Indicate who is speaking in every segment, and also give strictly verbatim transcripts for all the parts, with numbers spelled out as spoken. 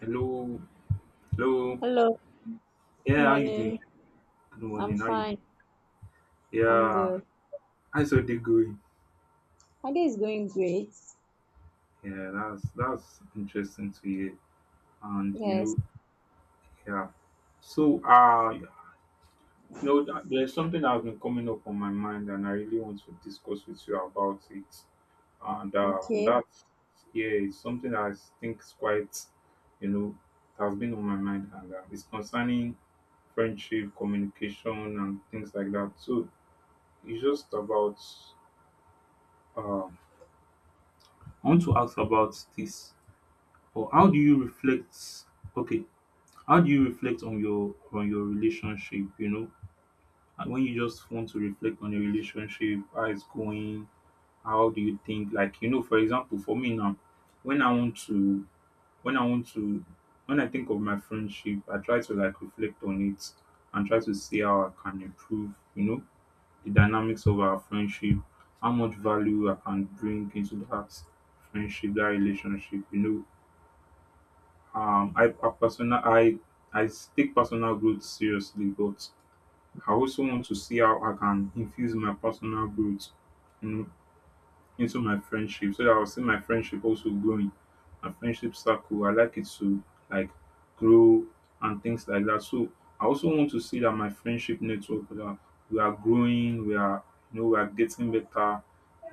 Speaker 1: Hello, hello.
Speaker 2: Hello,
Speaker 1: Yeah, how you doing?
Speaker 2: morning.
Speaker 1: Good
Speaker 2: I'm
Speaker 1: morning. How you doing?
Speaker 2: fine. I'm
Speaker 1: Yeah,
Speaker 2: good.
Speaker 1: how's your day going?
Speaker 2: My day is going great.
Speaker 1: Yeah, that's that's interesting to hear. And you
Speaker 2: Yes.
Speaker 1: know, yeah. So, uh, you know, th- there's something that has been coming up on my mind, and I really want to discuss with you about it. And uh,
Speaker 2: Okay.
Speaker 1: that, yeah, it's something that I think is quite, you know, has been on my mind, and uh, it's concerning friendship, communication, and things like that. So, it's just about Um, I want to ask about this. Or how do you reflect? Okay, how do you reflect on your on your relationship? You know, and when you just want to reflect on your relationship, how it's going. How do you think? Like you know, for example, for me now, when I want to, when I want to, when I think of my friendship, I try to like reflect on it and try to see how I can improve. You know, the dynamics of our friendship, how much value I can bring into that friendship, that relationship. You know, um, I, I personal, I, I take personal growth seriously, but I also want to see how I can infuse my personal growth, you know, into my friendship so that I'll see my friendship also growing. My friendship circle, I like it to like grow and things like that. So I also want to see that my friendship network that we are growing, we are you know, we are getting better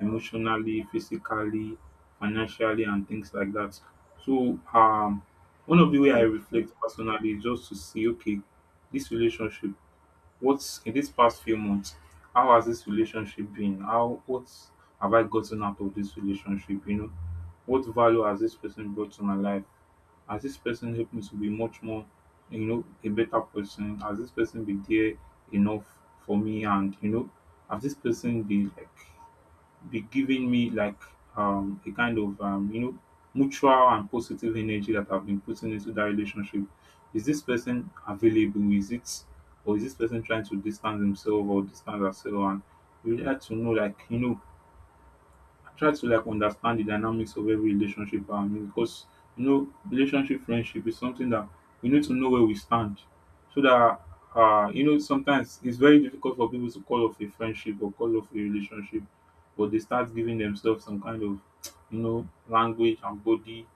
Speaker 1: emotionally, physically, financially and things like that. So um one of the way I
Speaker 2: Okay.
Speaker 1: reflect personally is just to see okay, this relationship what's in these past few months, how has this relationship been? How what have I gotten out of this relationship? You know, what value has this person brought to my life? Has this person helped me to be much more, you know, a better person? Has this person been there enough for me? And you know, has this person been like be giving me like um a kind of um you know mutual and positive energy that I've been putting into that relationship. Is this person available? Is it or is this person trying to distance himself or distance herself? And we would like to know like you know I try to like understand the dynamics of every relationship around me because you know relationship friendship is something that we need to know where we stand so that uh you know sometimes it's very difficult for people to call off a friendship or call off a relationship but they start giving themselves some kind of you know language and body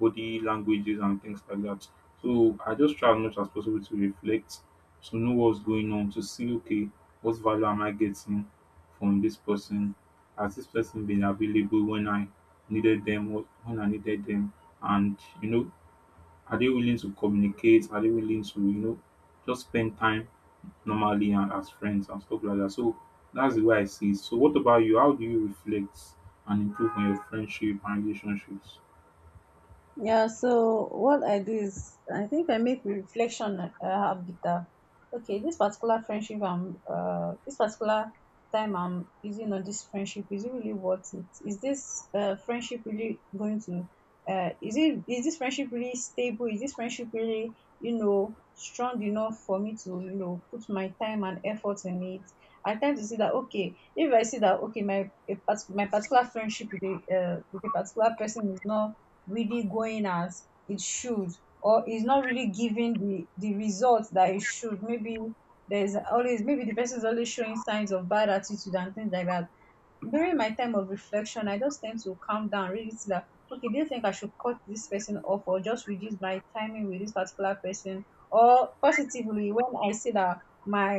Speaker 1: body languages and things like that. So I just try as much as possible to reflect, to know what's going on, to see okay what value am I getting from this person, as this person been available when I needed them, wh- when I needed them, and you know, are they willing to communicate? Are they willing to you know just spend time normally and as friends and stuff like that? So that's the way I see it. So what about you? How do you reflect and improve on your friendship and relationships?
Speaker 2: Yeah, so what I do is I think I make reflection uh, habit. That, okay, this particular friendship I'm uh this particular time I'm using on this friendship, is it really worth it? Is this uh friendship really going to uh is it is this friendship really stable? Is this friendship really, you know, strong enough for me to, you know, put my time and effort in it? I tend to see that, okay, if I see that okay my a part- my particular friendship with a uh, with a particular person is not really going as it should, or is not really giving the the results that it should. Maybe there's always, maybe the person is always showing signs of bad attitude and things like that. During my time of reflection, I just tend to calm down, really see that, okay, do you think I should cut this person off or just reduce my timing with this particular person? Or positively, when I see that my,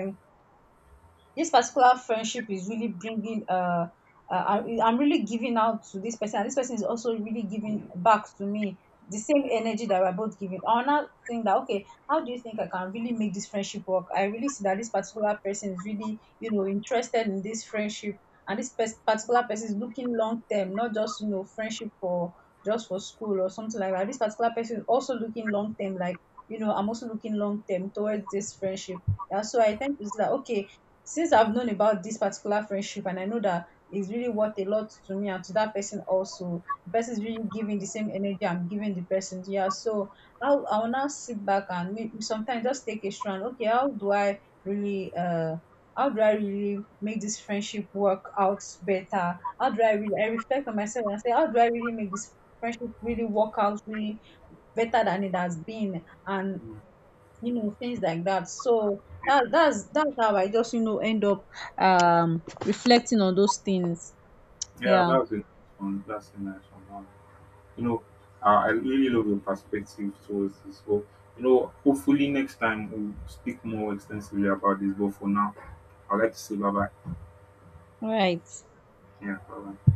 Speaker 2: this particular friendship is really bringing uh, uh I- I'm really giving out to this person and this person is also really giving back to me the same energy that we're both giving, I will now think that, okay, how do you think I can really make this friendship work? I really see that this particular person is really, you know, interested in this friendship, and this pers- particular person is looking long term, not just, you know, friendship for just for school or something like that. This particular person is also looking long term, like, you know, I'm also looking long term towards this friendship. And so I tend to see that, okay, since I've known about this particular friendship and I know that it's really worth a lot to me and to that person also, the person is really giving the same energy I'm giving the person. Yeah, so I'll I'll now sit back and may- sometimes just take a strand. Okay, how do I really uh how do I really make this friendship work out better? How do I really, I reflect on myself and say, how do I really make this friendship really work out really better than it has been? And
Speaker 1: Mm.
Speaker 2: you know, things like that. So that that's that's how I just, you know, end up um reflecting on those things.
Speaker 1: Yeah,
Speaker 2: Yeah,
Speaker 1: that's a nice one. That's a nice one. You know, I I really love your perspective towards this. So, you know, hopefully next time we'll speak more extensively about this. But for now, I'd like to say bye bye.
Speaker 2: right.
Speaker 1: Yeah, bye bye.